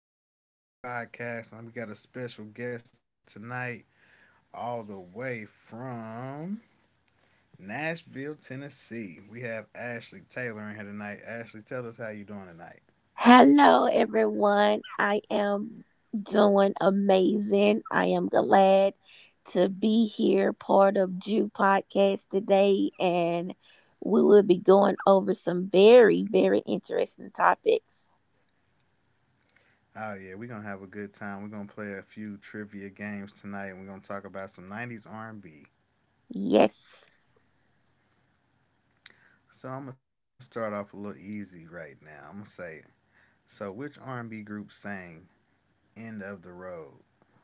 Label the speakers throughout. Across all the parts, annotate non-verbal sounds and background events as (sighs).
Speaker 1: gentlemen. We're at the Right Here Podcast, and we got a special guest tonight, all the way from Nashville, Tennessee. We have Ashley Taylor in here tonight. Ashley, tell us how you doing tonight.
Speaker 2: Hello, everyone. I am doing amazing. I am glad to be here, part of Jew Podcast today, and we will be going over some very, very interesting topics.
Speaker 1: Oh, yeah, we're going to have a good time. We're going to play a few trivia games tonight, and we're going to talk about some 90s R&B.
Speaker 2: Yes,
Speaker 1: So I'm going to start off a little easy right now. I'm going to say, it. So which R&B group sang End of the Road?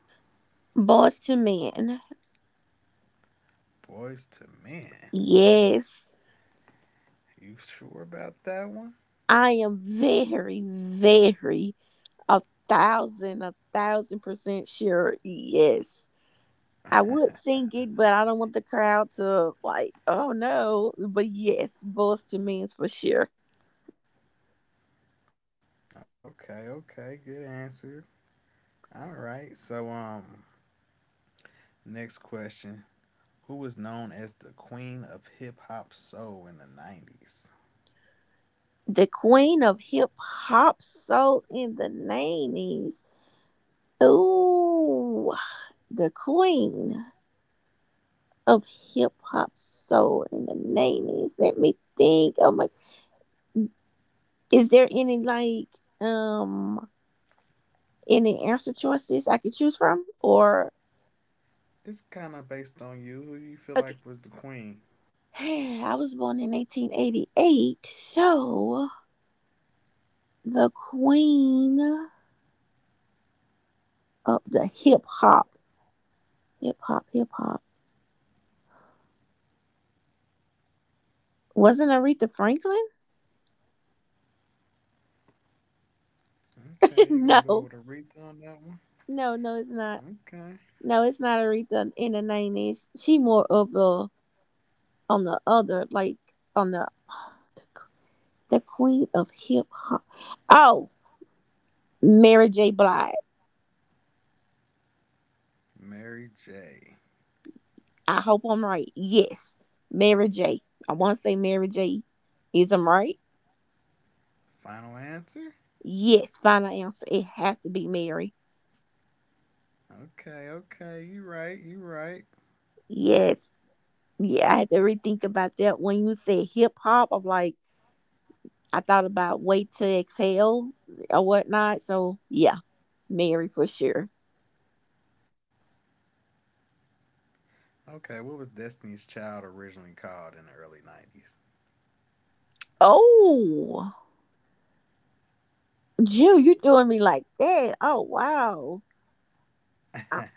Speaker 2: boys to men.
Speaker 1: Boys to Men?
Speaker 2: Yes,
Speaker 1: You sure about that one?
Speaker 2: I am very, very a a thousand percent sure. Yes. I would sing
Speaker 1: (laughs)
Speaker 2: it, but I don't want the crowd to like, oh no. But yes, voice to me is for sure.
Speaker 1: Okay, good answer. All right. Next question. Who was known as the queen of hip hop soul in the 90s?
Speaker 2: The queen of hip hop soul in the 90s. Ooh, the queen of hip hop soul in the 90s. Let me think. Oh my, is there any like, um, any answer choices I could choose from? Or,
Speaker 1: It's kind of based on you. Who do you
Speaker 2: okay,
Speaker 1: feel like was the queen?
Speaker 2: (sighs) I was born in 1988, so. The queen of the hip hop. Wasn't Aretha Franklin? (laughs)
Speaker 1: Okay, you're going to go
Speaker 2: No,
Speaker 1: with Aretha on that one?
Speaker 2: no, no, it's not.
Speaker 1: Okay.
Speaker 2: No, it's not Aretha in the 90s. She more of the on the other, like on the (sighs) the, the queen of hip hop. Oh, Mary J. Blige.
Speaker 1: Mary J.
Speaker 2: I hope I'm right. Yes, Mary J. I want to say Mary J. Is I'm right?
Speaker 1: Final answer?
Speaker 2: Yes, final answer. It has to be Mary.
Speaker 1: Okay, okay. You right, you right.
Speaker 2: Yes. Yeah, I had to rethink about that. When you said hip hop, I'm like, I thought about Wait to Exhale or whatnot. So, yeah, Mary for sure.
Speaker 1: Okay, what was Destiny's Child originally called in the early
Speaker 2: Oh, Jew, you're doing me like that. Oh, wow.
Speaker 1: 90s?
Speaker 2: I,
Speaker 1: (laughs)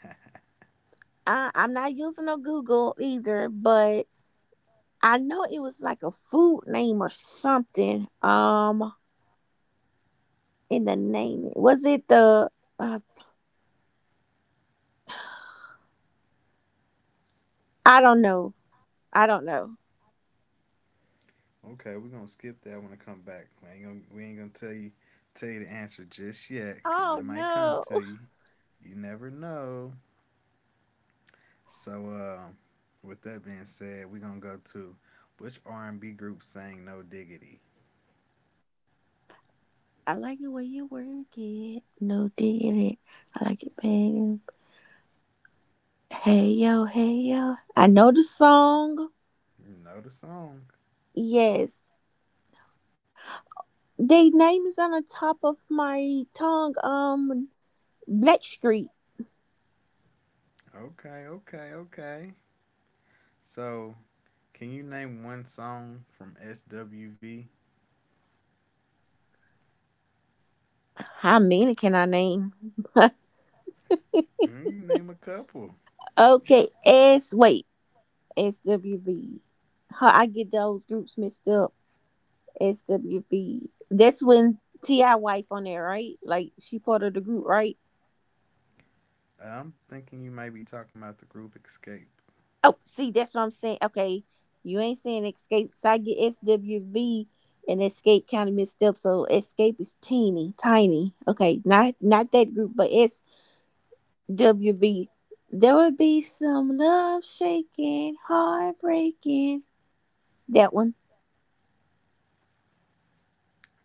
Speaker 2: I'm not using no Google either, but I know it was like a food name or something. In the name, was it uh, I don't know. I don't know.
Speaker 1: Okay, we're gonna skip that when I come back. We ain't gonna tell you the answer just yet, cause
Speaker 2: Oh,
Speaker 1: it might come
Speaker 2: no.
Speaker 1: to you. You never know. So with that being said, we're gonna go to which R and B group sang "No Diggity"?
Speaker 2: I like it when you work it. No digging it. I like it banging. Hey yo, hey yo. I know the song.
Speaker 1: You know the song.
Speaker 2: Yes. The name is on the top of my tongue. Black Street.
Speaker 1: Okay, okay, okay. So, can you name one song from SWV?
Speaker 2: How many can I name? (laughs)
Speaker 1: Mm. You name a couple.
Speaker 2: Okay, S. Wait, SWV. How I get those groups mixed up. SWV. That's when Ti wife on there, right? Like she part of the group, right?
Speaker 1: I'm thinking you might be talking about the group Escape.
Speaker 2: Oh, see, that's what I'm saying. Okay, you ain't saying escape. So I get SWV and escape counted mixed up. So escape is teeny tiny. Okay, not that group, but SWV. There would be some love shaking, heartbreaking. That one.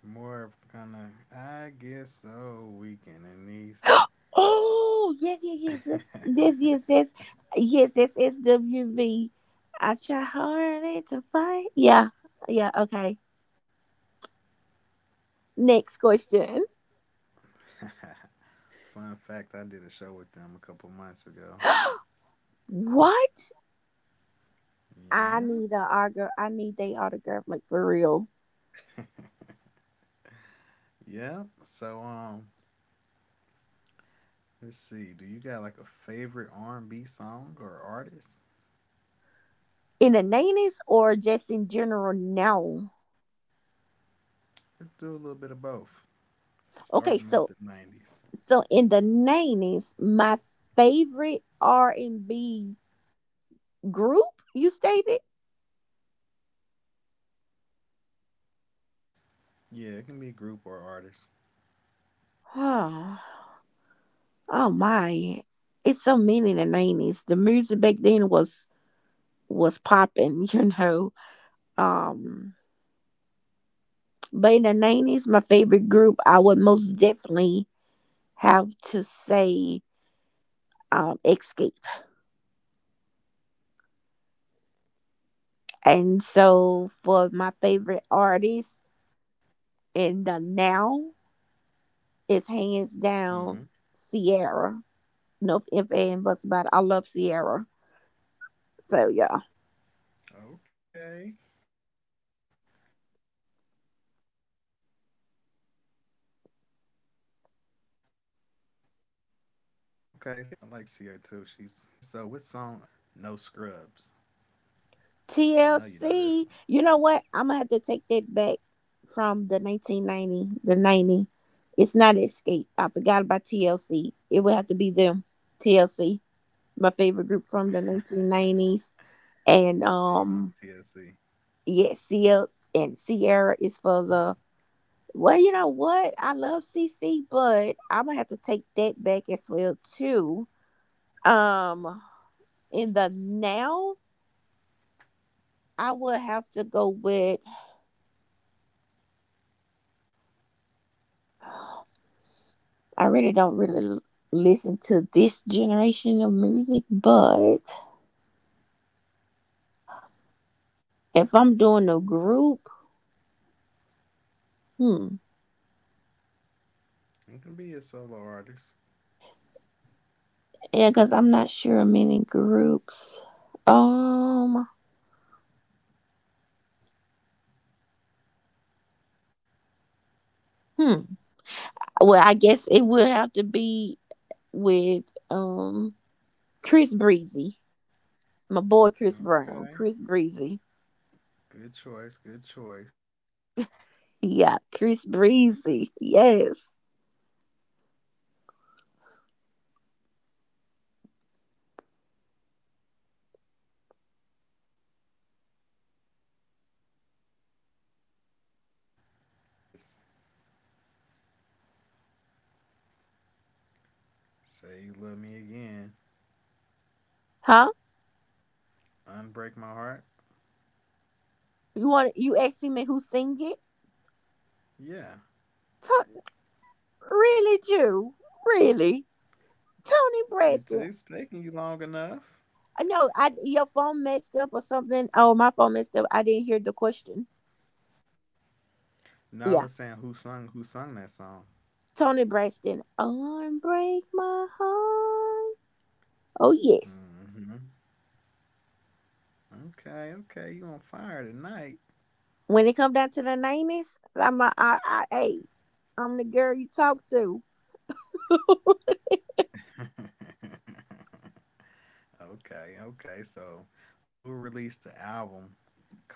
Speaker 1: More kind of, I guess so, weekend in these.
Speaker 2: (gasps) Oh yes, yes, yes. This, yes, yes,
Speaker 1: (laughs)
Speaker 2: yes. That's SWV. I try hard to fight. Yeah, yeah. Okay. Next question.
Speaker 1: Fun fact, I did a show with them a couple months ago.
Speaker 2: (gasps) What? I
Speaker 1: Yeah,
Speaker 2: need a autograph. I need they autograph, like for real.
Speaker 1: yeah. Let's see. Do you got like a favorite R&B song or artist?
Speaker 2: In the 90s or just in general now?
Speaker 1: Let's do a little bit of both.
Speaker 2: Okay,
Speaker 1: Starting with the
Speaker 2: so
Speaker 1: '90s.
Speaker 2: so in the 90s, my favorite R and B group you stated.
Speaker 1: Yeah, it can be group or artist.
Speaker 2: Huh. Oh my, it's so many in the 90s. The music back then was popping, (laughs) you know. Um, but in the 90s, my favorite group, I would most definitely have to say Escape. And so for my favorite artist in the now, it's hands
Speaker 1: Mm-hmm.
Speaker 2: down Sierra. No if and buts about it. I love Sierra. So yeah.
Speaker 1: Okay. I like Sierra too. She's definitely popping. Okay, so what song or what artist song, No Scrubs. I know you know this one.
Speaker 2: TLC. You know what? I'm gonna have to take that back from the 90. It's not Escape. I forgot about TLC. It would have to be them. TLC, my favorite group from the
Speaker 1: (laughs)
Speaker 2: 1990s.
Speaker 1: So
Speaker 2: And
Speaker 1: you're going to TSC.
Speaker 2: yeah, CL and Sierra is for the— Well, you know what? I love C. C., but I'm gonna have to take that back as well too. Um, in the now, I would have to go with. I really don't really listen to this generation of music, but if I'm doing a group, hmm,
Speaker 1: You can be a solo artist.
Speaker 2: yeah, because I'm not sure of many groups. Um, hmm. Well, I guess it would have to be with um Chris Breezy, my boy Chris
Speaker 1: Okay.
Speaker 2: Brown, Chris Breezy.
Speaker 1: Good choice. Good choice.
Speaker 2: Yeah, Chris Breezy. Yes.
Speaker 1: So who sung Unbreak My Heart? I know you know this. Say you love me again.
Speaker 2: Huh?
Speaker 1: Unbreak my heart.
Speaker 2: You want you asking me who sing it?
Speaker 1: Yeah.
Speaker 2: Tony, really, Jew? Really? Tony
Speaker 1: It's
Speaker 2: Braxton.
Speaker 1: taking you long enough.
Speaker 2: I know I your phone messed up or something. Oh, my phone messed up. I didn't hear the question.
Speaker 1: No, I was
Speaker 2: Yeah.
Speaker 1: saying who sung that song.
Speaker 2: Tony Braxton. Unbreak my heart. Oh yes.
Speaker 1: Mm hmm Okay, okay, you on fire tonight.
Speaker 2: When it come down to the 90s, I'm a I hey, I'm the girl you talk to. (laughs)
Speaker 1: (laughs) Okay, okay. So, who released the album called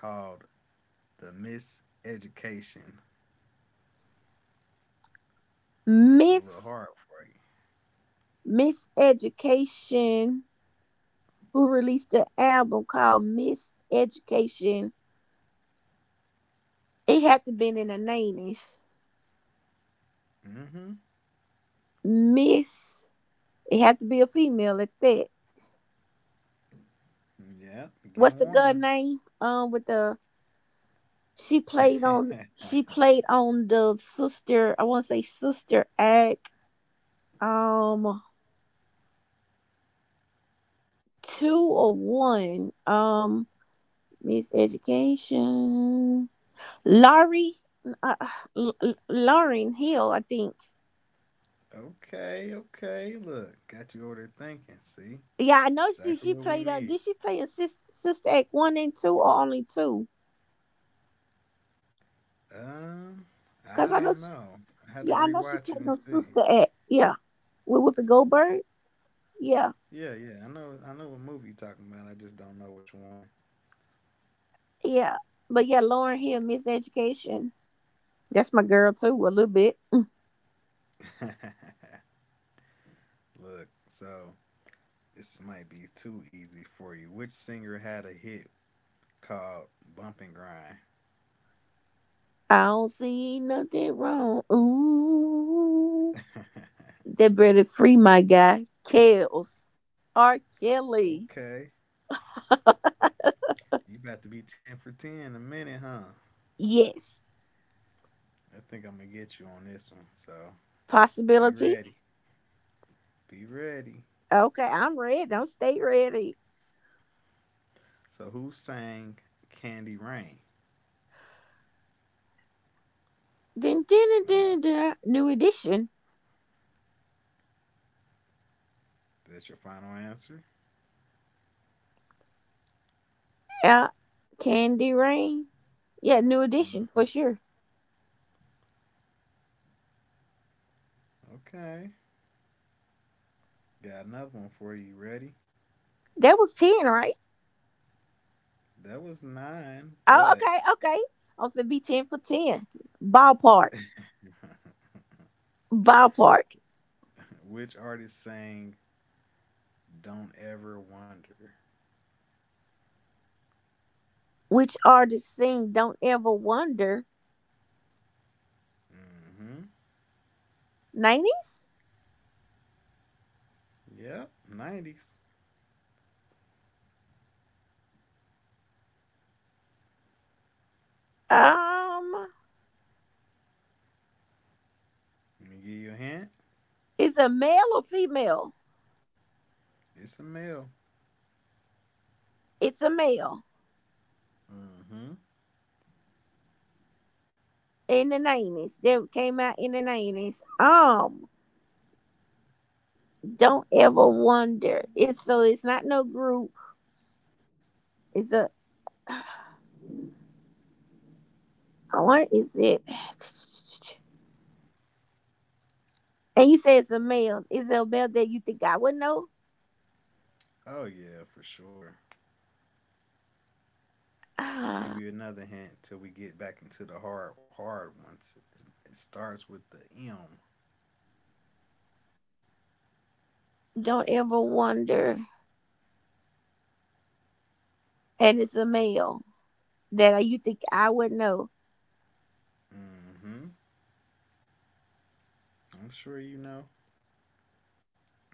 Speaker 1: The Miseducation? It's a little hard
Speaker 2: Miss
Speaker 1: for
Speaker 2: Miss Education, who released an album called Miss Education. It had to been in the 90s.
Speaker 1: you. Mm-hmm.
Speaker 2: Miss, it had to be a female at that.
Speaker 1: Yeah,
Speaker 2: What's
Speaker 1: getting
Speaker 2: the girl
Speaker 1: warmer.
Speaker 2: name? With the she played on
Speaker 1: (laughs)
Speaker 2: the sister. I want to say sister act. Um, two or one. Miss Education. Laurie, uh, Lauren Hill, I think.
Speaker 1: okay, okay. Look, got you over there thinking. See,
Speaker 2: Yeah, I know she
Speaker 1: exactly
Speaker 2: she
Speaker 1: what we
Speaker 2: played on.
Speaker 1: need.
Speaker 2: Did she play in Sister, Sister Act one and two or only two?
Speaker 1: Um, I
Speaker 2: Cause I
Speaker 1: don't
Speaker 2: know. She,
Speaker 1: know. I had to
Speaker 2: yeah, I know she
Speaker 1: rewatch it
Speaker 2: played
Speaker 1: and
Speaker 2: on
Speaker 1: see.
Speaker 2: Sister Act. Yeah, with Whoopi Goldberg. Yeah,
Speaker 1: Yeah, yeah. I know. I know what movie you're talking about. I just don't know which one.
Speaker 2: yeah. But yeah, Lauren Hill, Miss Education. That's my girl too. A little bit.
Speaker 1: (laughs) Look, so this might be too easy for you. Which singer had a hit called Bump and Grind?
Speaker 2: I don't see nothing wrong. Ooh, that better free my guy. R.
Speaker 1: (laughs)
Speaker 2: Kelly.
Speaker 1: Okay.
Speaker 2: (laughs)
Speaker 1: You about to be 10 for 10 in a minute, huh?
Speaker 2: Yes,
Speaker 1: I think I'm going to get you on this one. So be
Speaker 2: possibility.
Speaker 1: ready. Be ready.
Speaker 2: Okay, I'm ready. Don't stay ready.
Speaker 1: So who sang Candy Rain?
Speaker 2: Dun, dun, dun, dun,
Speaker 1: Enough.
Speaker 2: dun. New edition.
Speaker 1: That's your final answer?
Speaker 2: Yeah. Candy Rain. Yeah, new edition for
Speaker 1: Hmm.
Speaker 2: sure.
Speaker 1: Okay. Got another one for you. Ready?
Speaker 2: That was 10, right?
Speaker 1: That was nine,
Speaker 2: Oh,
Speaker 1: but
Speaker 2: okay, okay. I'm finna be 10 for 10. Ballpark.
Speaker 1: (laughs)
Speaker 2: Ballpark.
Speaker 1: which artist sang Don't Ever Wonder?
Speaker 2: Which artist sing Don't Ever Wonder?
Speaker 1: Hmm.
Speaker 2: 90s?
Speaker 1: Yep, 90s.
Speaker 2: Um,
Speaker 1: Let me give you a hint.
Speaker 2: it's a male or female?
Speaker 1: It's a male.
Speaker 2: It's a male
Speaker 1: Mm-hmm.
Speaker 2: in the 90s. That came out in the 90s. Don't Ever Wonder. It's so it's not no group. It's a— What is it? (sighs) And you say it's a male. Is it a male that you think I would know?
Speaker 1: Oh yeah, for sure. And give
Speaker 2: Ah,
Speaker 1: you another hint till we get back into the hard ones. It starts with the M.
Speaker 2: don't ever wonder. And it's a male that you think I would know.
Speaker 1: Mm-hmm. I'm sure you know.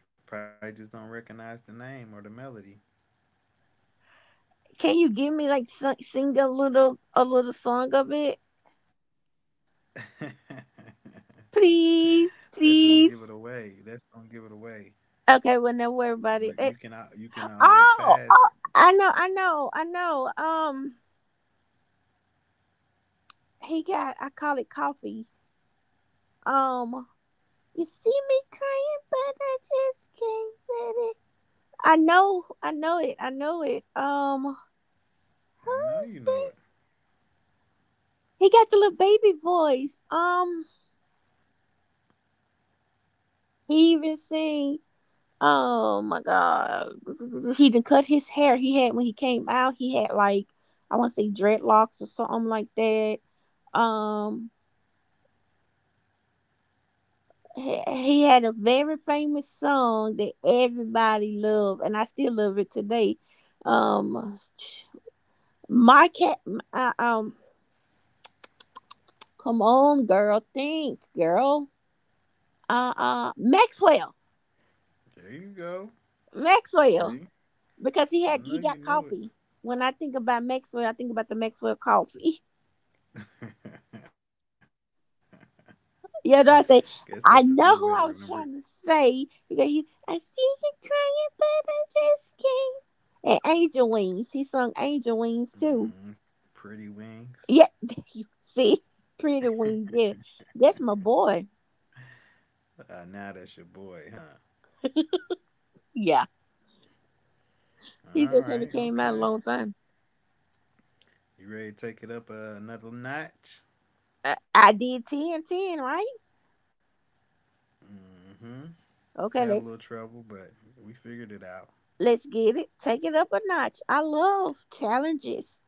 Speaker 1: Probably just don't recognize the name or the melody.
Speaker 2: Can you give me like sing a little song of it,
Speaker 1: (laughs) That's gonna give it
Speaker 2: please,
Speaker 1: away. That's
Speaker 2: please?
Speaker 1: gonna give it away.
Speaker 2: Okay, well, don't worry
Speaker 1: But
Speaker 2: about it. Eh,
Speaker 1: you can always
Speaker 2: oh,
Speaker 1: pass.
Speaker 2: oh, I know, I know, I know. He got I call it coffee. Um, you see me crying, but I just can't let it— I know it, I know it. Who
Speaker 1: I know
Speaker 2: is
Speaker 1: you know it.
Speaker 2: that? He got the little baby voice. He even sing. Oh my god, he done cut his hair. He had when he came out, he had like— I want to say dreadlocks or something like that. Um, he had a very famous song that everybody loved, and I still love it today. Um, my cat, uh, um, come on, girl, think, girl. Maxwell,
Speaker 1: There you go.
Speaker 2: Maxwell,
Speaker 1: See,
Speaker 2: because
Speaker 1: I
Speaker 2: he
Speaker 1: know
Speaker 2: got
Speaker 1: you know
Speaker 2: coffee. When I think about Maxwell, I think about the Maxwell coffee. (laughs)
Speaker 1: it. (laughs) Guess
Speaker 2: You know,
Speaker 1: that's a
Speaker 2: I say
Speaker 1: good way to
Speaker 2: I
Speaker 1: remember it.
Speaker 2: know who I was trying to say because I see you crying, but I just can't. And Angel Wings, he sung Angel Wings too.
Speaker 1: Hmm. Pretty wings.
Speaker 2: Yeah, (laughs) you see, Pretty
Speaker 1: (laughs)
Speaker 2: Wings.
Speaker 1: uh,
Speaker 2: Yeah, that's my boy.
Speaker 1: now that's your boy, huh?
Speaker 2: Yeah, he
Speaker 1: All
Speaker 2: just haven't
Speaker 1: right,
Speaker 2: came out a
Speaker 1: okay.
Speaker 2: long time.
Speaker 1: You ready to take it up another notch?
Speaker 2: I did ten ten, right?
Speaker 1: Hmm. Had a
Speaker 2: Okay,
Speaker 1: little trouble, but we figured it out.
Speaker 2: let's get it. Take it up a notch. I love challenges.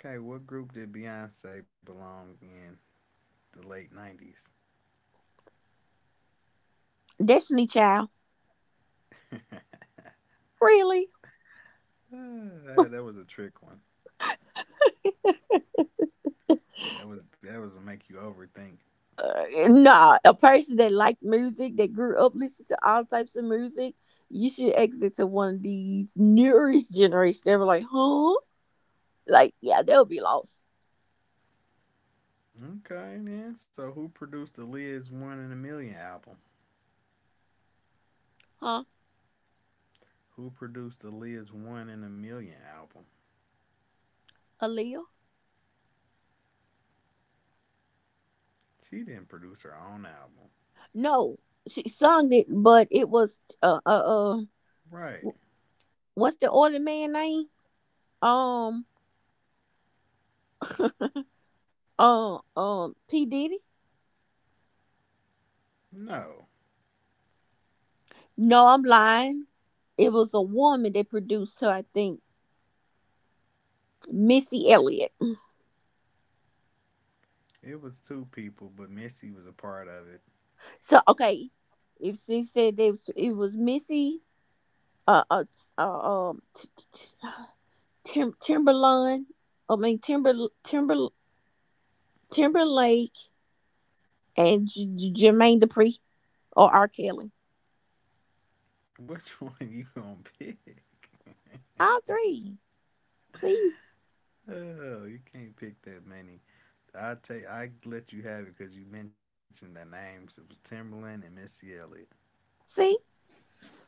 Speaker 1: Okay, what group did Beyonce belong in the late '90s?
Speaker 2: Destiny Child. Really?
Speaker 1: Ah, (laughs) that was a trick one. That was a make you overthink.
Speaker 2: Nah, a person that liked music, that grew up listening to all types of music, you should exit to one of these newest generations. They were like, huh? Like, yeah, they'll be lost.
Speaker 1: Okay, then. So who produced the Liz One in a Million album?
Speaker 2: Huh?
Speaker 1: Who produced the Liz One in a Million album?
Speaker 2: Aaliyah?
Speaker 1: She didn't produce her own album.
Speaker 2: No, she sung it, but it was,
Speaker 1: Right.
Speaker 2: what's the other man name? Um, (laughs) P. Diddy?
Speaker 1: No.
Speaker 2: No, I'm lying. It was a woman that produced her, I think, Missy Elliott. (clears throat)
Speaker 1: It was two people, but Missy was a part of it.
Speaker 2: So okay, if she said it was, Missy, uh, uh, t- uh um, t- t- t- (sighs) Timberland, I mean Timber Timber Timberlake, and Jermaine Dupri or R. Kelly,
Speaker 1: (laughs) Which one you gonna pick?
Speaker 2: all three. Please,
Speaker 1: Oh, you can't pick that many. I let you have it because you mentioned the names. It was Timberland and Missy Elliott.
Speaker 2: see,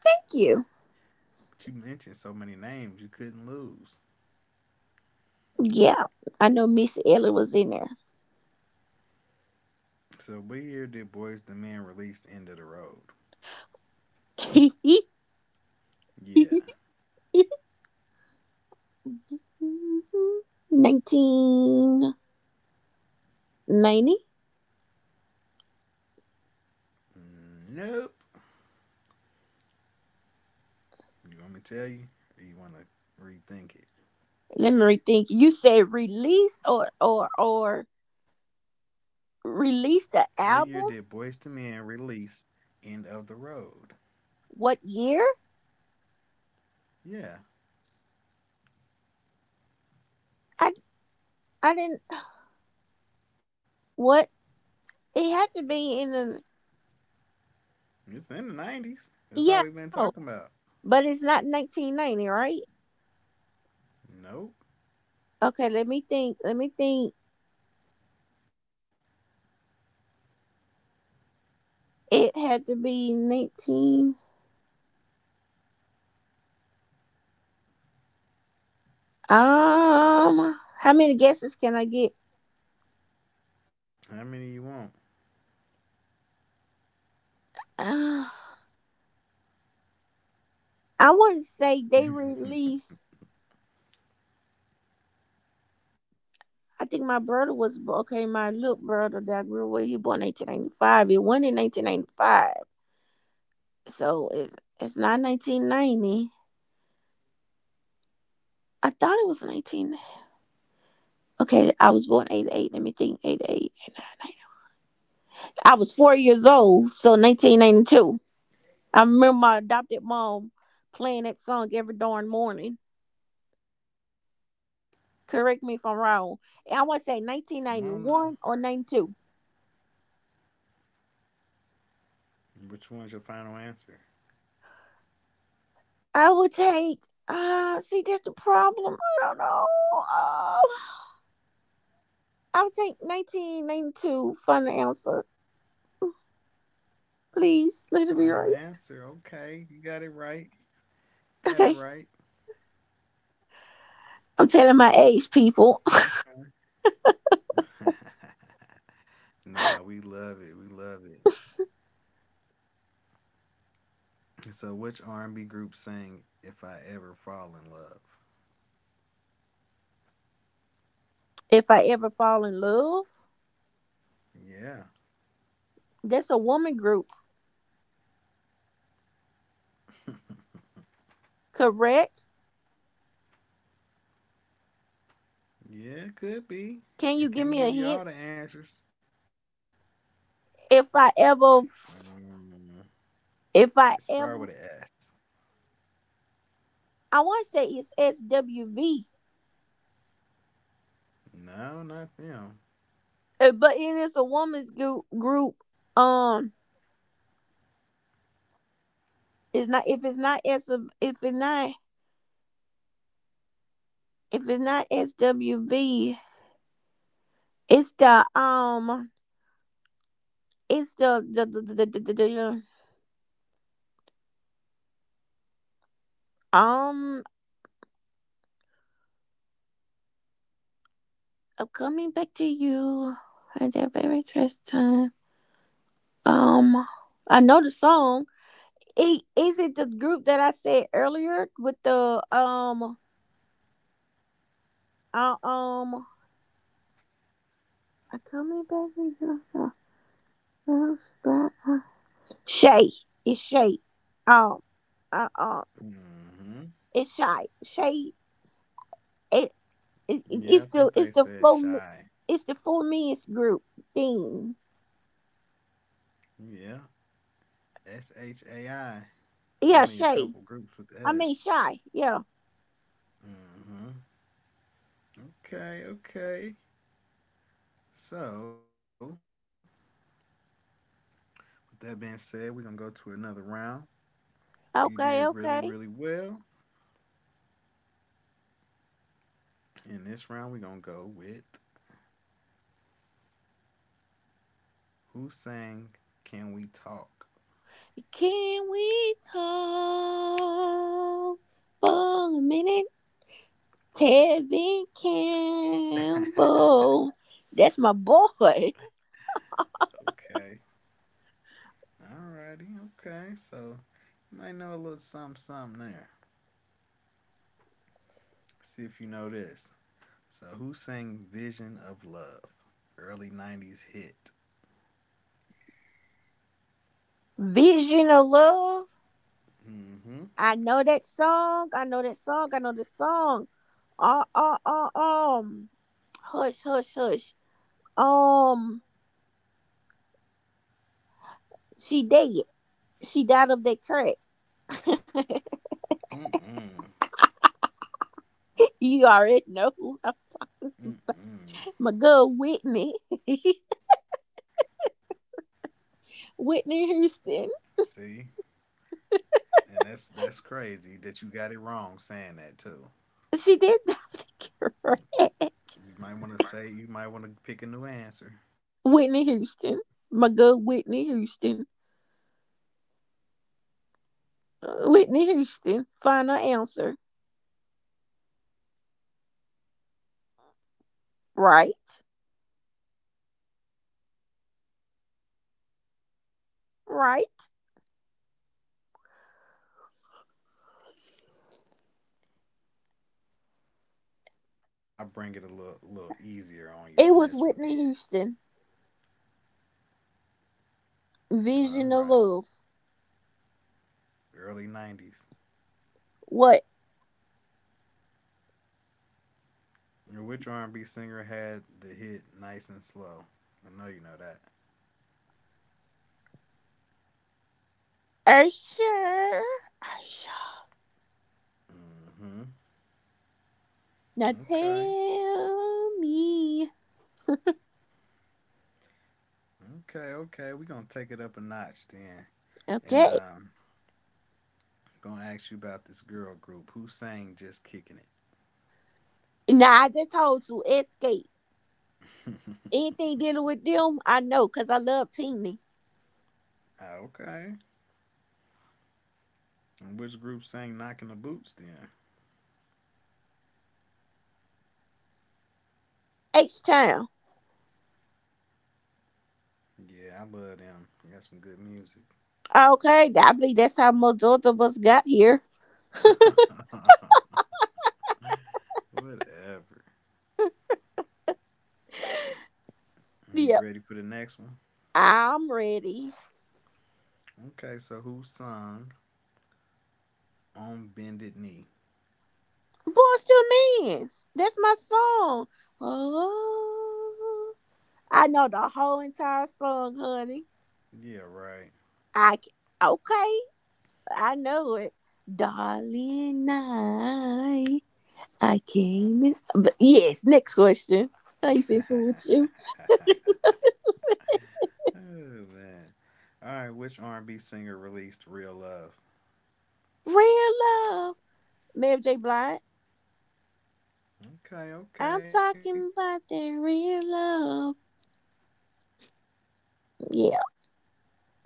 Speaker 2: thank you.
Speaker 1: But you mentioned so many names you couldn't lose.
Speaker 2: Yeah, I know Missy Elliott was in there.
Speaker 1: So what year did Boys the Men release End of the Road? Yeah.
Speaker 2: (laughs) 1990.
Speaker 1: Mm, nope. You want me to tell you? Or you want to rethink it?
Speaker 2: Let me rethink. You said release? Or
Speaker 1: What year did Boys to
Speaker 2: release the
Speaker 1: Men
Speaker 2: album,
Speaker 1: release End of the Road?
Speaker 2: what year?
Speaker 1: Yeah,
Speaker 2: I i didn't— what? It had to be in the—
Speaker 1: it's in the 90s. That's all
Speaker 2: yeah,
Speaker 1: we've been
Speaker 2: no,
Speaker 1: talking about.
Speaker 2: but it's not 1990, right?
Speaker 1: Nope.
Speaker 2: Okay, let me think, it had to be 19. How many guesses can I get?
Speaker 1: How many you want?
Speaker 2: (sighs) uh, I want to say they
Speaker 1: (laughs)
Speaker 2: released— I think my brother was— okay. My little brother that grew up, he born 1995. It went in 1995, so it's not
Speaker 1: So it had to be somewhere
Speaker 2: 1990.
Speaker 1: in between.
Speaker 2: I thought it was 19. Okay, I was born 88. Let me think. 88. I was 4 years old, so 1992. I remember my adopted mom playing that song every darn morning. Correct me if I'm
Speaker 1: Come
Speaker 2: wrong.
Speaker 1: on now.
Speaker 2: I want to say 1991 or 92.
Speaker 1: Which one's your final answer?
Speaker 2: I would take. See, that's the problem. I don't know. Uh, I would take 1992 final answer.
Speaker 1: Final answer.
Speaker 2: Please, let it be
Speaker 1: Okay,
Speaker 2: right.
Speaker 1: you got it right. Got it right.
Speaker 2: Okay. I'm telling my age, people. (laughs)
Speaker 1: Okay. (laughs) Nah, we love it. We love it. So which R&B group sang "If I Ever Fall in Love"?
Speaker 2: If I ever fall in love,
Speaker 1: Yeah,
Speaker 2: that's a woman group, correct?
Speaker 1: yeah, it could
Speaker 2: Can
Speaker 1: be.
Speaker 2: you give me a
Speaker 1: It can't
Speaker 2: hint?
Speaker 1: give you all the answers.
Speaker 2: If I ever,
Speaker 1: Um,
Speaker 2: if I
Speaker 1: They start
Speaker 2: ever,
Speaker 1: with an S.
Speaker 2: I want to say it's SWV,
Speaker 1: No, not them.
Speaker 2: but it is a woman's group. Group. Um, it's not. If it's not, if it's not SWV, it's the the. Um, I'm coming back to you at that very first time. Um, I know the song. It is it the group that I said earlier with the uh, um, I coming back to you? Uh, uh, Shay, Shay. Um, uh, um,
Speaker 1: Mm-hmm.
Speaker 2: it's Shy. Shay. It,
Speaker 1: Yeah, I think they
Speaker 2: it's
Speaker 1: said
Speaker 2: the
Speaker 1: shy.
Speaker 2: it's the full men's group thing.
Speaker 1: Yeah, SHAI. There's only
Speaker 2: Yeah,
Speaker 1: a couple
Speaker 2: Shay.
Speaker 1: groups with
Speaker 2: I
Speaker 1: S.
Speaker 2: mean Shy. Yeah.
Speaker 1: Mm-hmm. Okay, okay. So, with that being said, we're gonna go to another round. You did really,
Speaker 2: Okay.
Speaker 1: really
Speaker 2: Okay.
Speaker 1: well. In this round, we're gonna go with who sang "Can We Talk."
Speaker 2: Can we talk for a minute? Tevin
Speaker 1: (laughs) Okay.
Speaker 2: Campbell. That's my boy.
Speaker 1: Alrighty. Okay. So, you might know a little something, something there. See if you know this. So, who sang Vision of Love? Early 90s hit.
Speaker 2: Vision of Love.
Speaker 1: Mm-hmm.
Speaker 2: I know that song. I know that song. I know this song. Uh, uh, uh, um. Hush, hush, hush. Um, she dead. She died of that crack.
Speaker 1: Mm-mm.
Speaker 2: (laughs) You already know who I'm talking.
Speaker 1: Mm-mm.
Speaker 2: My girl Whitney. (laughs)
Speaker 1: See?
Speaker 2: Whitney Houston.
Speaker 1: And that's crazy that you got it wrong saying that too.
Speaker 2: She did (laughs) have to cure (laughs)
Speaker 1: You might want to pick a new answer. I knew I was
Speaker 2: Whitney
Speaker 1: gonna get you
Speaker 2: Houston,
Speaker 1: on that
Speaker 2: my good Whitney Houston.
Speaker 1: one. No, it's not Whitney.
Speaker 2: Whitney Houston, final answer.
Speaker 1: (laughs) Okay, final answer. You want the right
Speaker 2: Right,
Speaker 1: answer? Mariah
Speaker 2: right.
Speaker 1: Carey. You ain't even thinking about Mariah. I I bring it a little easier on you on
Speaker 2: It
Speaker 1: this
Speaker 2: was
Speaker 1: one then.
Speaker 2: Whitney Houston,
Speaker 1: All
Speaker 2: Vision
Speaker 1: right,
Speaker 2: of Love.
Speaker 1: early '90s.
Speaker 2: What?
Speaker 1: Which R&B singer had the hit "Nice and Slow"? I know you know that.
Speaker 2: Usher. Usher.
Speaker 1: Mm-hmm.
Speaker 2: Now
Speaker 1: Okay.
Speaker 2: tell me.
Speaker 1: Okay. Okay. We're gonna take it up a notch then, and
Speaker 2: Okay.
Speaker 1: Gonna ask you about this girl group who sang "Just Kicking It."
Speaker 2: Now I just told you, escape. Anything dealing with them, I know, because I love Teeny.
Speaker 1: (laughs) Okay. And which group sang "Knocking the Boots" then?
Speaker 2: H Town.
Speaker 1: Yeah, I love them. They got some good music. (laughs)
Speaker 2: Okay, I believe that's how most of us got here.
Speaker 1: Whatever. You
Speaker 2: Yep.
Speaker 1: ready for the next one?
Speaker 2: I'm ready.
Speaker 1: Okay, so who sung On Bended Knee?
Speaker 2: Boys to men. That's my song. Oh, I know the whole entire song, honey.
Speaker 1: Yeah, right.
Speaker 2: I c- okay, I know it. Darling, I can't. But yes, next question. I ain't people with you.
Speaker 1: (laughs)
Speaker 2: (laughs)
Speaker 1: Oh, man. All right, which R&B singer released Real Love?
Speaker 2: Real love, Mary J. Blige.
Speaker 1: Okay,
Speaker 2: I'm
Speaker 1: okay.
Speaker 2: talking about that real love. Yeah.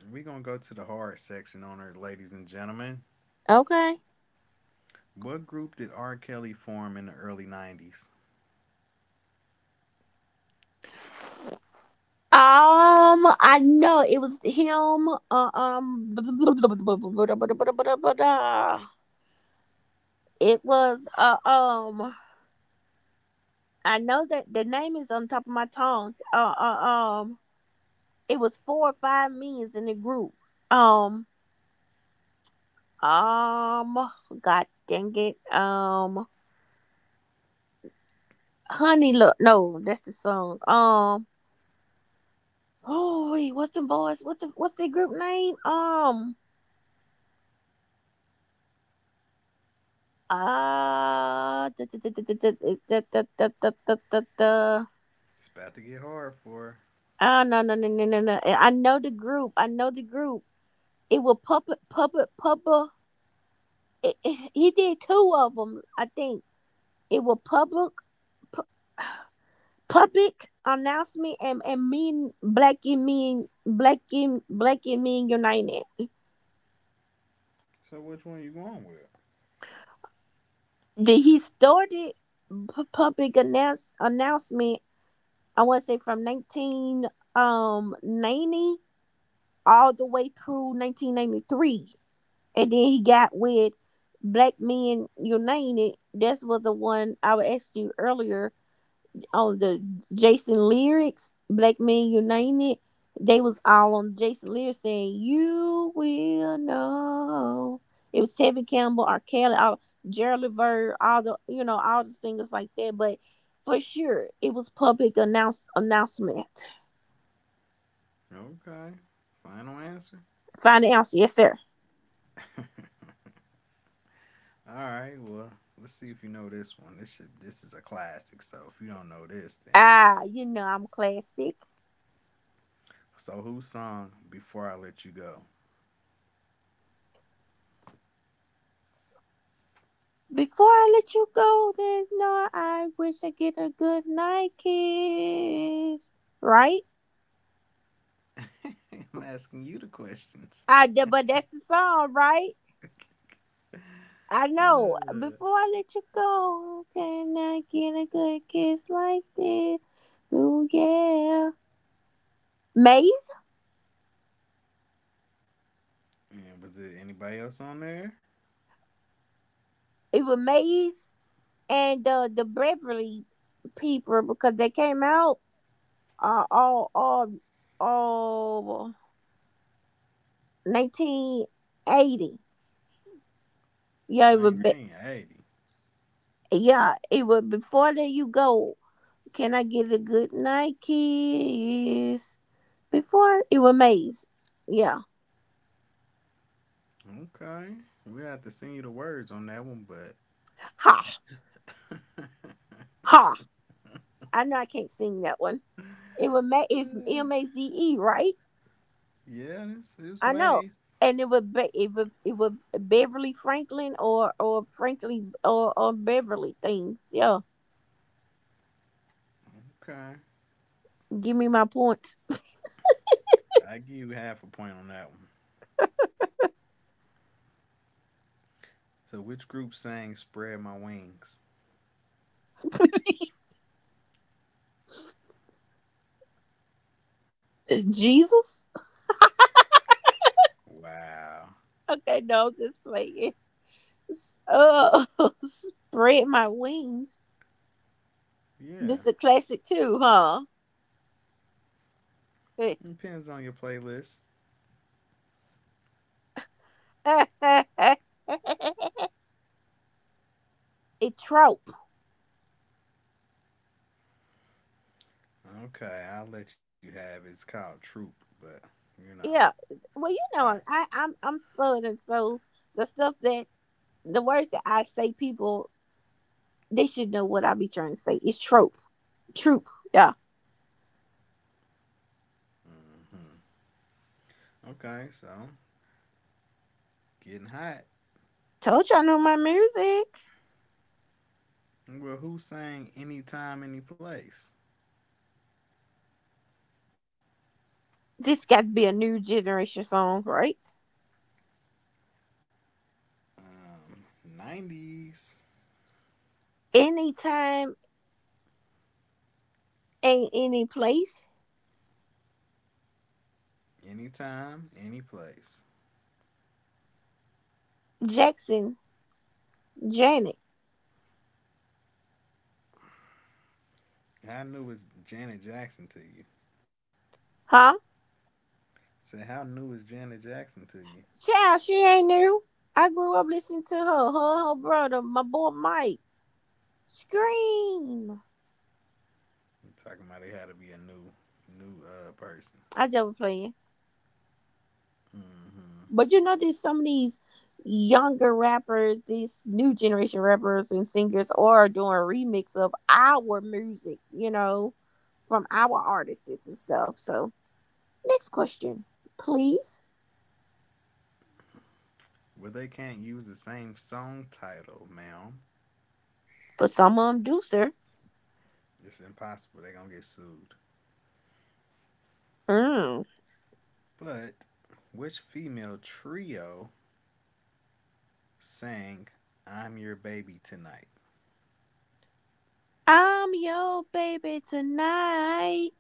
Speaker 1: We're going to go to the hard section on her, ladies and gentlemen.
Speaker 2: Okay.
Speaker 1: What group did R. Kelly form in the early 90s?
Speaker 2: I know it was him. It was I know that the name is on top of my tongue. It was four or five me's in the group. Um, um, God dang it. Honey, look, no, that's the song. Oh, wait, what's the boys? What's the group name? Ah, da, da, da, da, da, da, da, da, da, da, da, da. Da.
Speaker 1: It's about to get hard for her.
Speaker 2: Ah, no, no, no, no, no, no. I know the group. I know the group. It will public, public, public. He did two of them, I think. It will public, pu- public announcement and mean black and mean black and black and mean united.
Speaker 1: So which one you going with?
Speaker 2: Did he started pu- public announce announcement? I want to say from nineteen ninety all the way through 1993. And then he got with Black Men United. This was the one I would ask you earlier on the Jason lyrics, Black Men United. They was all on Jason lyrics saying, You will know. It was Tevin Campbell, R. Kelly, all, Gerald Levert, all the, you know, all the singers like that. But for sure, it was public announce announcement.
Speaker 1: Okay. Final answer.
Speaker 2: Find the answer, yes, sir.
Speaker 1: (laughs) All right, well, let's see if you know this one. This is a classic. So if you don't know this, then
Speaker 2: Ah, you know I'm classic.
Speaker 1: so who song "Before I Let You Go"?
Speaker 2: Before I let you go, there's no I wish I get a good night kiss. Right?
Speaker 1: (laughs) I'm asking you the questions.
Speaker 2: But that's the song, right?
Speaker 1: (laughs)
Speaker 2: I know.
Speaker 1: Uh,
Speaker 2: Before I let you go, can I get a good kiss like this? Ooh yeah. Maze?
Speaker 1: and was it anybody else on there?
Speaker 2: It was Maze and the Beverly people because they came out uh all all all 1980. Yeah, it was.
Speaker 1: 1980.
Speaker 2: Yeah, it was before that you go, can I get a good night kiss? Before it was Maze. Yeah.
Speaker 1: Okay, we have to send you the words on that one, but
Speaker 2: Ha.
Speaker 1: (laughs)
Speaker 2: Ha. I know I can't sing that one. It was it's
Speaker 1: Uh,
Speaker 2: Maze, right?
Speaker 1: yeah, it's
Speaker 2: I know.
Speaker 1: made.
Speaker 2: And it was it was Beverly Franklin or Frankly or Beverly things. Yeah.
Speaker 1: Okay,
Speaker 2: Give me my points.
Speaker 1: I give you half a point on that one. So which group sang "Spread My Wings"?
Speaker 2: (laughs) Jesus?
Speaker 1: Wow.
Speaker 2: Okay, no, just playing. Oh, (laughs) spread my wings.
Speaker 1: Yeah.
Speaker 2: This is a classic too, huh? (laughs)
Speaker 1: Depends on your playlist.
Speaker 2: a trope.
Speaker 1: Okay, I'll let you have it. It's called Troop, but you know,
Speaker 2: Yeah. Well, you
Speaker 1: I.
Speaker 2: know, I'm southern, so the stuff that the words that I say, people they should know what I be trying to say. It's trope, troop. Yeah.
Speaker 1: Hmm. Okay, so getting hot.
Speaker 2: Told you I know my music.
Speaker 1: Well, who sang Anytime, Any Place?
Speaker 2: This got to be a new generation song, right?
Speaker 1: Um, 90s.
Speaker 2: Anytime, ain't any place.
Speaker 1: Anytime, Any Place.
Speaker 2: Jackson, Janet,
Speaker 1: How new is Janet Jackson to you?
Speaker 2: huh?
Speaker 1: Say, how new is Janet Jackson to you?
Speaker 2: Child, she ain't new. I grew up listening to her, her brother, my boy Mike. Scream.
Speaker 1: You're talking about it had to be a new, new person.
Speaker 2: I just playing.
Speaker 1: Hmm.
Speaker 2: But you know, there's some of these younger rappers, these new generation rappers and singers are doing a remix of our music, you know, from our artists and stuff. So next question, please.
Speaker 1: Well, they can't use the same song title, ma'am.
Speaker 2: But some of them do, sir.
Speaker 1: It's impossible. They're gonna get sued.
Speaker 2: Mm.
Speaker 1: But which female trio sang I'm Your Baby Tonight?
Speaker 2: I'm your baby tonight.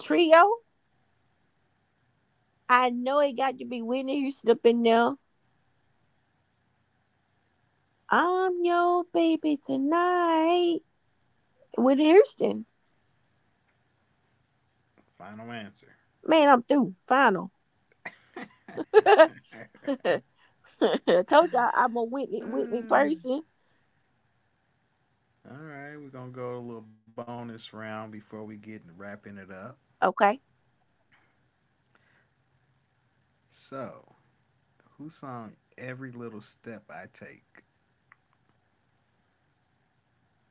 Speaker 2: Trio. I know it got to be Whitney Houston up in there. I'm your baby tonight. Whitney Houston.
Speaker 1: Final answer.
Speaker 2: Man, I'm through. Final. (laughs)
Speaker 1: (laughs)
Speaker 2: I told y'all I'm a Whitney Whitney
Speaker 1: All
Speaker 2: person.
Speaker 1: right, we're gonna go a little bonus round before we get in wrapping it up.
Speaker 2: Okay.
Speaker 1: So, who sung Every Little Step I Take?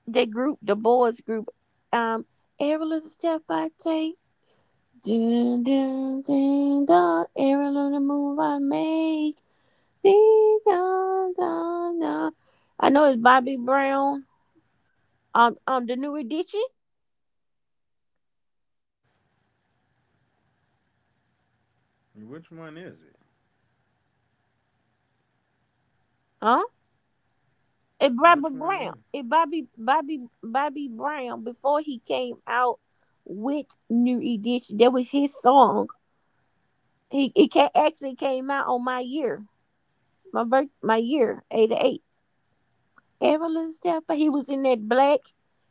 Speaker 2: The group, the boys group. Um, every little step I take. Dun, dun, dun, dun. Every little move I make. Ding, dun, dun, dun. I know it's Bobby Brown. The new edition.
Speaker 1: Which one is it?
Speaker 2: Huh? It's
Speaker 1: Which
Speaker 2: Bobby
Speaker 1: one is it?
Speaker 2: Brown. It Bobby Brown before he came out with New Edition. That was his song. He it actually came out on my year, my birth, my year 88. Every little step, but he was in that black.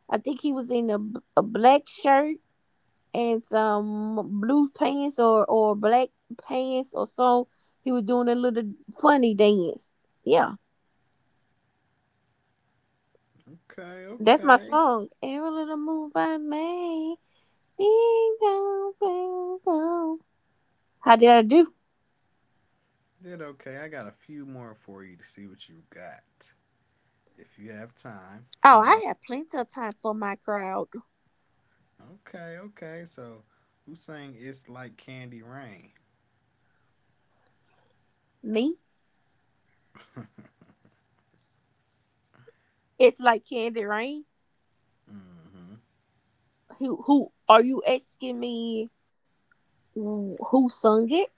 Speaker 2: I think he was in a black shirt and some blue pants or black pants or so. He was doing a little funny dance. Yeah,
Speaker 1: Okay,
Speaker 2: that's my
Speaker 1: okay.
Speaker 2: song. Every little move I make, ding dong, ding dong. How did I do?
Speaker 1: Did okay. I got a few more for you to see what you got. If you have time
Speaker 2: Oh,
Speaker 1: tonight.
Speaker 2: I had plenty of time for my crowd.
Speaker 1: Okay, okay. So, who sang It's Like Candy Rain?
Speaker 2: Me,
Speaker 1: (laughs)
Speaker 2: it's like Candy Rain.
Speaker 1: Mm-hmm.
Speaker 2: Who are you asking me who sung it?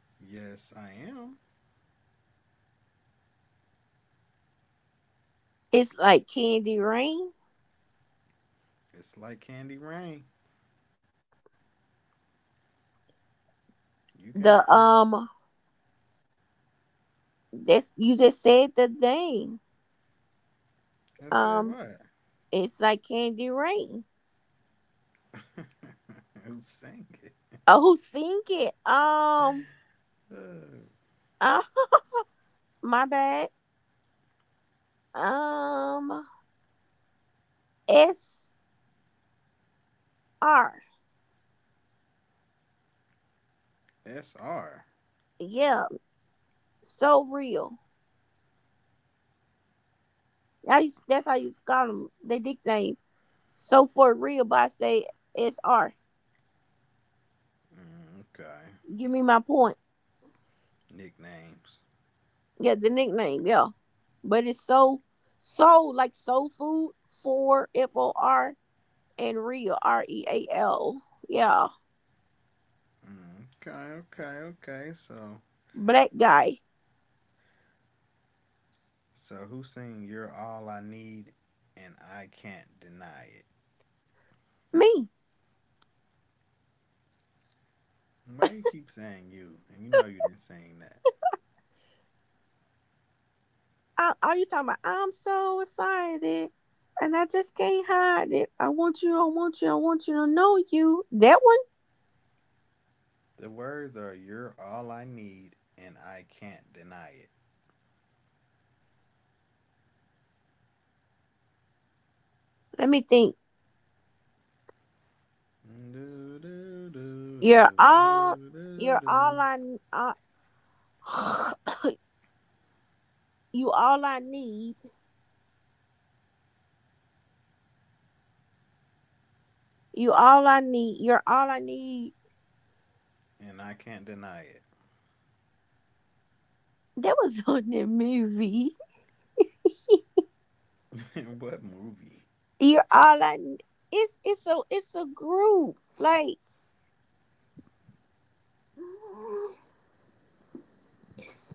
Speaker 1: Yes, I am.
Speaker 2: It's like Candy Rain.
Speaker 1: It's Like Candy Rain. You got
Speaker 2: The
Speaker 1: this.
Speaker 2: that's you just said the name.
Speaker 1: I said
Speaker 2: Um
Speaker 1: what?
Speaker 2: it's like Candy Rain.
Speaker 1: (laughs) Who sang it?
Speaker 2: Oh who sing it?
Speaker 1: Uh,
Speaker 2: Uh, (laughs) my bad. Um S R.
Speaker 1: SR.
Speaker 2: Yeah, so real. I used, that's how you call them. They nickname so for real, but I say S R.
Speaker 1: Mm, okay.
Speaker 2: Give me my point.
Speaker 1: Nicknames.
Speaker 2: Yeah, the nickname, yeah. But it's so soul like soul food for F O R and real R E A L. Yeah.
Speaker 1: Mm, okay, okay, okay. So,
Speaker 2: Black guy.
Speaker 1: so who sang You're All I Need and I Can't Deny It?
Speaker 2: Me.
Speaker 1: Why you keep saying you? And you know you didn't saying that.
Speaker 2: I, are you talking about I'm so excited and I just can't hide it. I want you, I want you, I want you to know you. That one?
Speaker 1: The words are "You're all I need, and I can't deny it."
Speaker 2: Let me think.
Speaker 1: Do, do, do,
Speaker 2: You're
Speaker 1: do,
Speaker 2: all
Speaker 1: do, do,
Speaker 2: you're all
Speaker 1: do.
Speaker 2: I uh, (coughs) you all I need. You all I need. You're all I need.
Speaker 1: And I can't deny
Speaker 2: That was (laughs) on the movie.
Speaker 1: it. (laughs) What movie?
Speaker 2: You're all I. n- It's it's a group. Like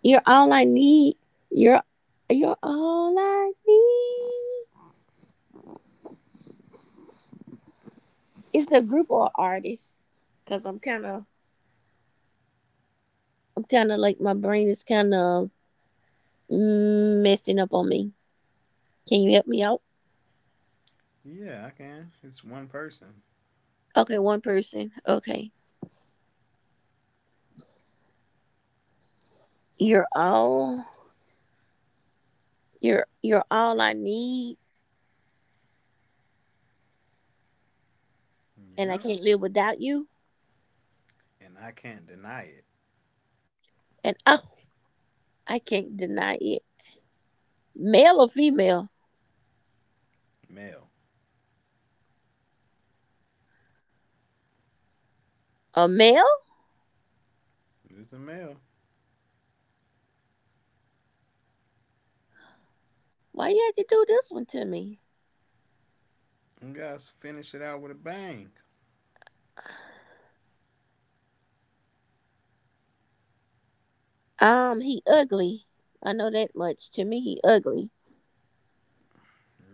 Speaker 2: you're all I need. You're you're all I need. It's a group or artist. Cause I'm kind of like my brain is kind of messing up on me. Can you help me out?
Speaker 1: Yeah, I can. It's one person.
Speaker 2: Okay, one person. Okay, you're all you're all I need, and I
Speaker 1: Yep.
Speaker 2: can't live without you.
Speaker 1: And I can't deny it.
Speaker 2: And oh, I can't deny it. Male or female?
Speaker 1: Male.
Speaker 2: A male?
Speaker 1: It's a male.
Speaker 2: Why you had to do this one to me?
Speaker 1: You guys finish it out with a bang.
Speaker 2: He ugly. I know that much. To me, he ugly.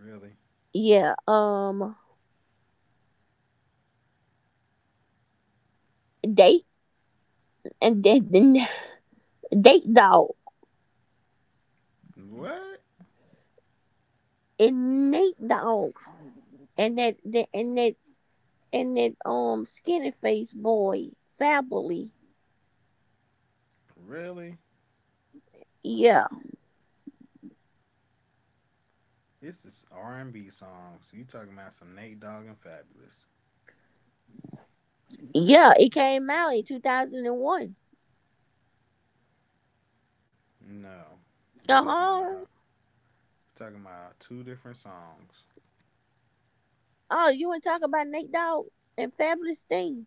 Speaker 1: Really?
Speaker 2: Yeah. Date and then (laughs) date dog
Speaker 1: What?
Speaker 2: and Nate dog and that, that and that and that skinny face boy family.
Speaker 1: Really?
Speaker 2: Yeah,
Speaker 1: This is R and B songs. You talking about some Nate Dogg and Fabulous.
Speaker 2: yeah. It came out in 2001.
Speaker 1: No, we're
Speaker 2: Uh
Speaker 1: talking about a, hot.
Speaker 2: huh.
Speaker 1: We're talking about two different songs.
Speaker 2: Oh, you want to talk about Nate dog and Fabulous thing?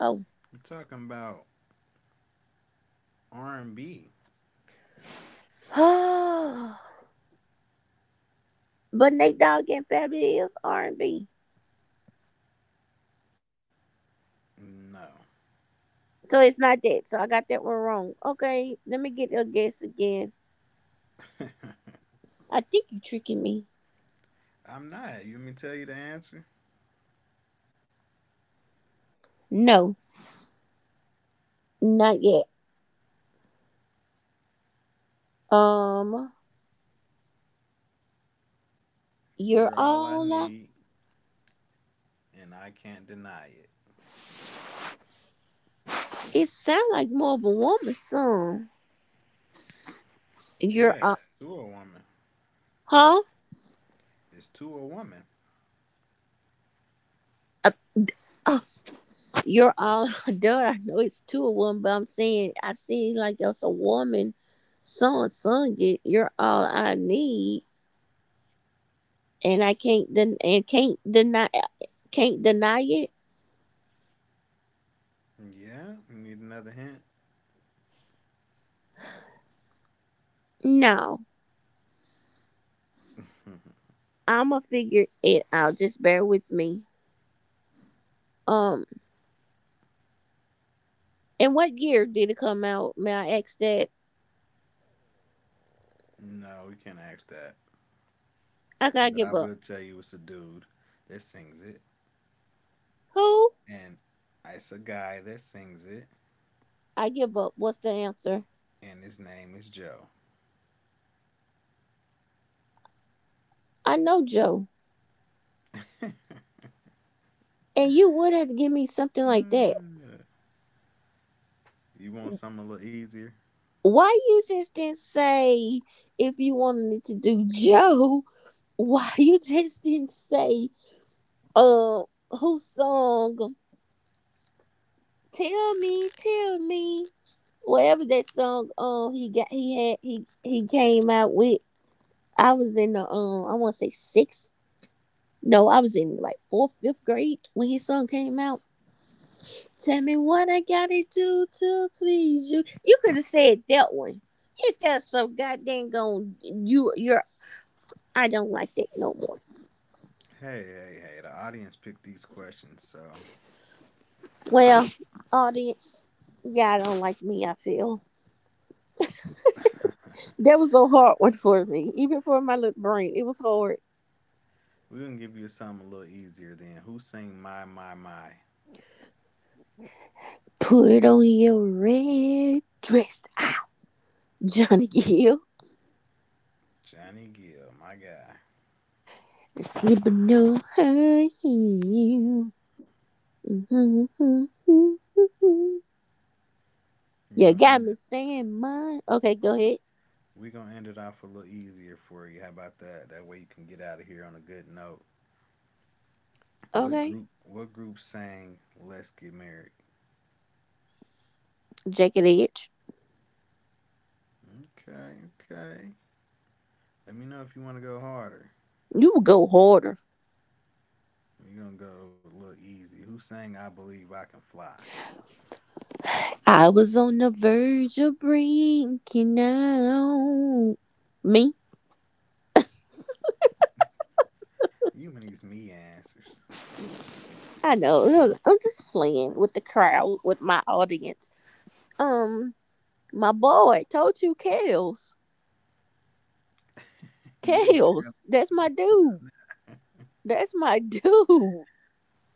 Speaker 2: Oh,
Speaker 1: We're talking about R and B.
Speaker 2: (sighs) but Nate dog and Fabulous is R and B.
Speaker 1: No,
Speaker 2: So it's not that. So I got that one wrong. Okay, let me get a guess again.
Speaker 1: (laughs)
Speaker 2: I think you tricking me.
Speaker 1: I'm not. You want me to tell you the answer?
Speaker 2: No, not yet. Um,
Speaker 1: You're
Speaker 2: you're
Speaker 1: all I
Speaker 2: all.
Speaker 1: need, and I can't deny it.
Speaker 2: It sounds like more of a woman song.
Speaker 1: Yeah,
Speaker 2: You're
Speaker 1: it's
Speaker 2: all,
Speaker 1: to a woman.
Speaker 2: huh?
Speaker 1: It's to a woman.
Speaker 2: Uh, uh, you're all (laughs) done. I know it's to a woman, but I'm saying I see like it's a woman song sung it. You're all I need, and can't deny it.
Speaker 1: Yeah, you need another hint?
Speaker 2: No.
Speaker 1: (laughs)
Speaker 2: I'ma figure it out. Just bear with me. Um, in what year did it come out? May I ask that?
Speaker 1: No, we can't ask that.
Speaker 2: I gotta
Speaker 1: But
Speaker 2: give
Speaker 1: I
Speaker 2: up.
Speaker 1: will tell you, it's a dude that sings it,
Speaker 2: Who?
Speaker 1: and it's a guy that sings it,
Speaker 2: I give up. What's the answer?
Speaker 1: and his name is Joe.
Speaker 2: I know Joe.
Speaker 1: (laughs)
Speaker 2: And you would have to give me something like that.
Speaker 1: Uh, you want something a little easier?
Speaker 2: Why you just didn't say if you wanted to do Joe? (laughs) Why you just didn't say uh who song? Tell me, tell me. Whatever that song he got he had he came out with I was in the I want to say sixth. No, I was in like fourth, fifth grade when his song came out. Tell me what I gotta do to please you. You could have said that one instead of some goddamn going. You, you're. I don't like that no more.
Speaker 1: Hey, hey, hey, the audience picked these questions, so
Speaker 2: Well, audience, y'all don't like me. I feel
Speaker 1: (laughs)
Speaker 2: that was a hard one for me, even for my little brain. It was hard.
Speaker 1: we're gonna give you something a little easier then. Who sang My My My?
Speaker 2: Put on your red dress, Ah, Johnny Gill,
Speaker 1: Johnny Gill, my guy.
Speaker 2: and slip no high heel. (laughs)
Speaker 1: We're
Speaker 2: You
Speaker 1: gonna
Speaker 2: got
Speaker 1: end
Speaker 2: me
Speaker 1: it.
Speaker 2: saying mine. Okay, go ahead.
Speaker 1: We're gonna end it off a little easier for you. How about that? That way you can get out of here on a good note. What
Speaker 2: Okay.
Speaker 1: group what group sang Let's Get Married?
Speaker 2: Jagged Edge.
Speaker 1: Okay, okay. Let me know if you wanna go harder.
Speaker 2: You go harder.
Speaker 1: We're gonna go a little easy. Who sang I Believe I Can Fly?
Speaker 2: I was on the verge of breaking out. Me?
Speaker 1: You and these me answers.
Speaker 2: I know. I'm just playing with the crowd, with my audience. Um, my boy told you Kales.
Speaker 1: You didn't tell
Speaker 2: Kales. That's
Speaker 1: me.
Speaker 2: my dude. That's my (laughs) dude.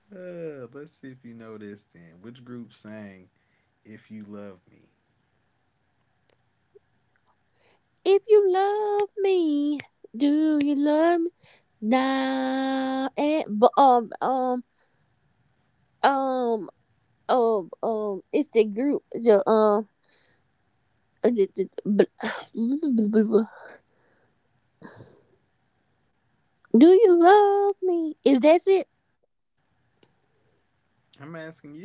Speaker 1: Let's see if you know this then. Which group sang If You Love Me?
Speaker 2: If you love me, do you love me? Nah, and but um it's the group uh, the- the- the- (sighs) (laughs) do you love me? Is that it?
Speaker 1: I'm asking you. (laughs)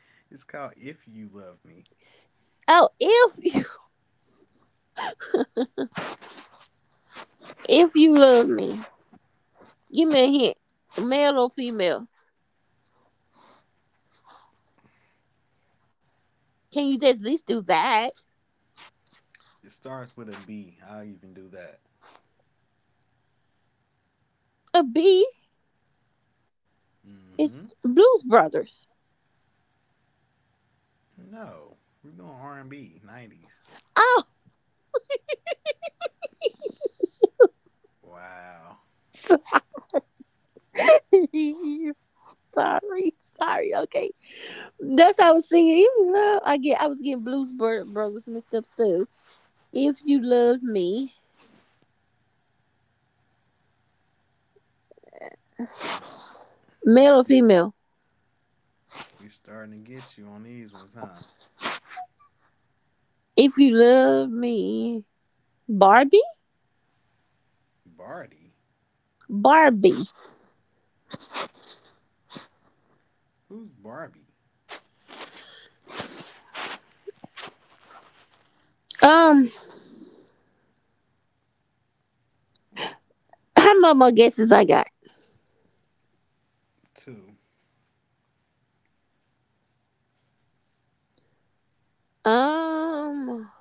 Speaker 1: It's called If You Love Me.
Speaker 2: Oh, if you (laughs) if you love me, give me a hint, male or female. Can you just at least do that?
Speaker 1: It starts with a B. I'll even do that.
Speaker 2: A B
Speaker 1: Mm-hmm.
Speaker 2: is Blues Brothers.
Speaker 1: No. We're going R&B, 90s.
Speaker 2: Oh,
Speaker 1: Wow.
Speaker 2: (laughs) sorry, sorry. Okay, that's how I was singing. Even you love, I get I was getting Blues Brothers mixed up. So if you love me,
Speaker 1: Yeah,
Speaker 2: male
Speaker 1: we
Speaker 2: or female,
Speaker 1: we starting to get you on these ones, huh?
Speaker 2: if you love me, Barbie?
Speaker 1: Barty?
Speaker 2: Barbie.
Speaker 1: Who's Barbie?
Speaker 2: Um, (clears throat) how many more guesses I got?
Speaker 1: Two.
Speaker 2: Um,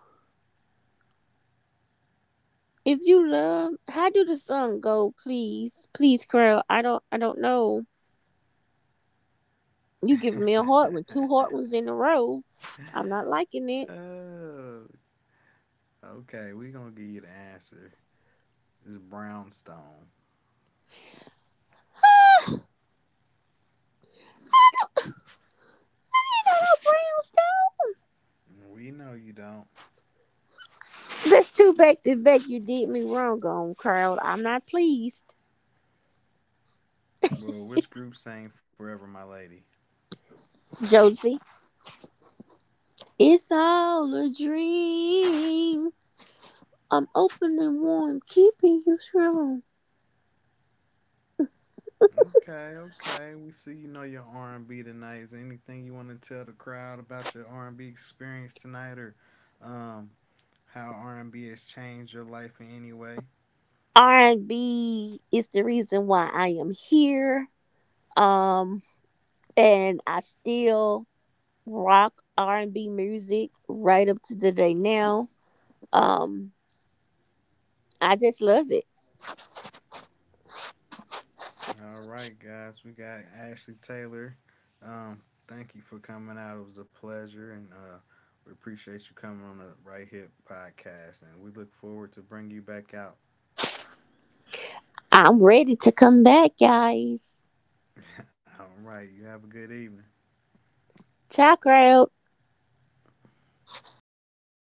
Speaker 2: if you love, how do the song go? Please, please, Crow. I don't know. You give me a hard one, two hard ones in a row. I'm not liking
Speaker 1: (laughs)
Speaker 2: it.
Speaker 1: Oh, okay, we gonna give you the answer. It's Brownstone.
Speaker 2: (laughs) Brownstone.
Speaker 1: We know you don't.
Speaker 2: That's two back to back. You did me wrong on crowd. I'm not pleased,
Speaker 1: Well, which group sang "Forever, My Lady"?
Speaker 2: Josie. It's all a dream. I'm open and warm, keeping you strong.
Speaker 1: Okay, okay. We see you know your R and B tonight. Is there anything you want to tell the crowd about your R and B experience tonight, or um, how R and B has changed your life in any way?
Speaker 2: R&B is the reason why I am here. Um, and I still rock R&B music right up to the day now. Um, I just love it.
Speaker 1: All right, guys. We got Ashley Taylor. Um, thank you for coming out. It was a pleasure, and we appreciate you coming on the Right Hip Podcast. And we look forward to bringing you back out.
Speaker 2: I'm ready to come back, guys.
Speaker 1: (laughs) All right. You have a good evening.
Speaker 2: Ciao, crowd.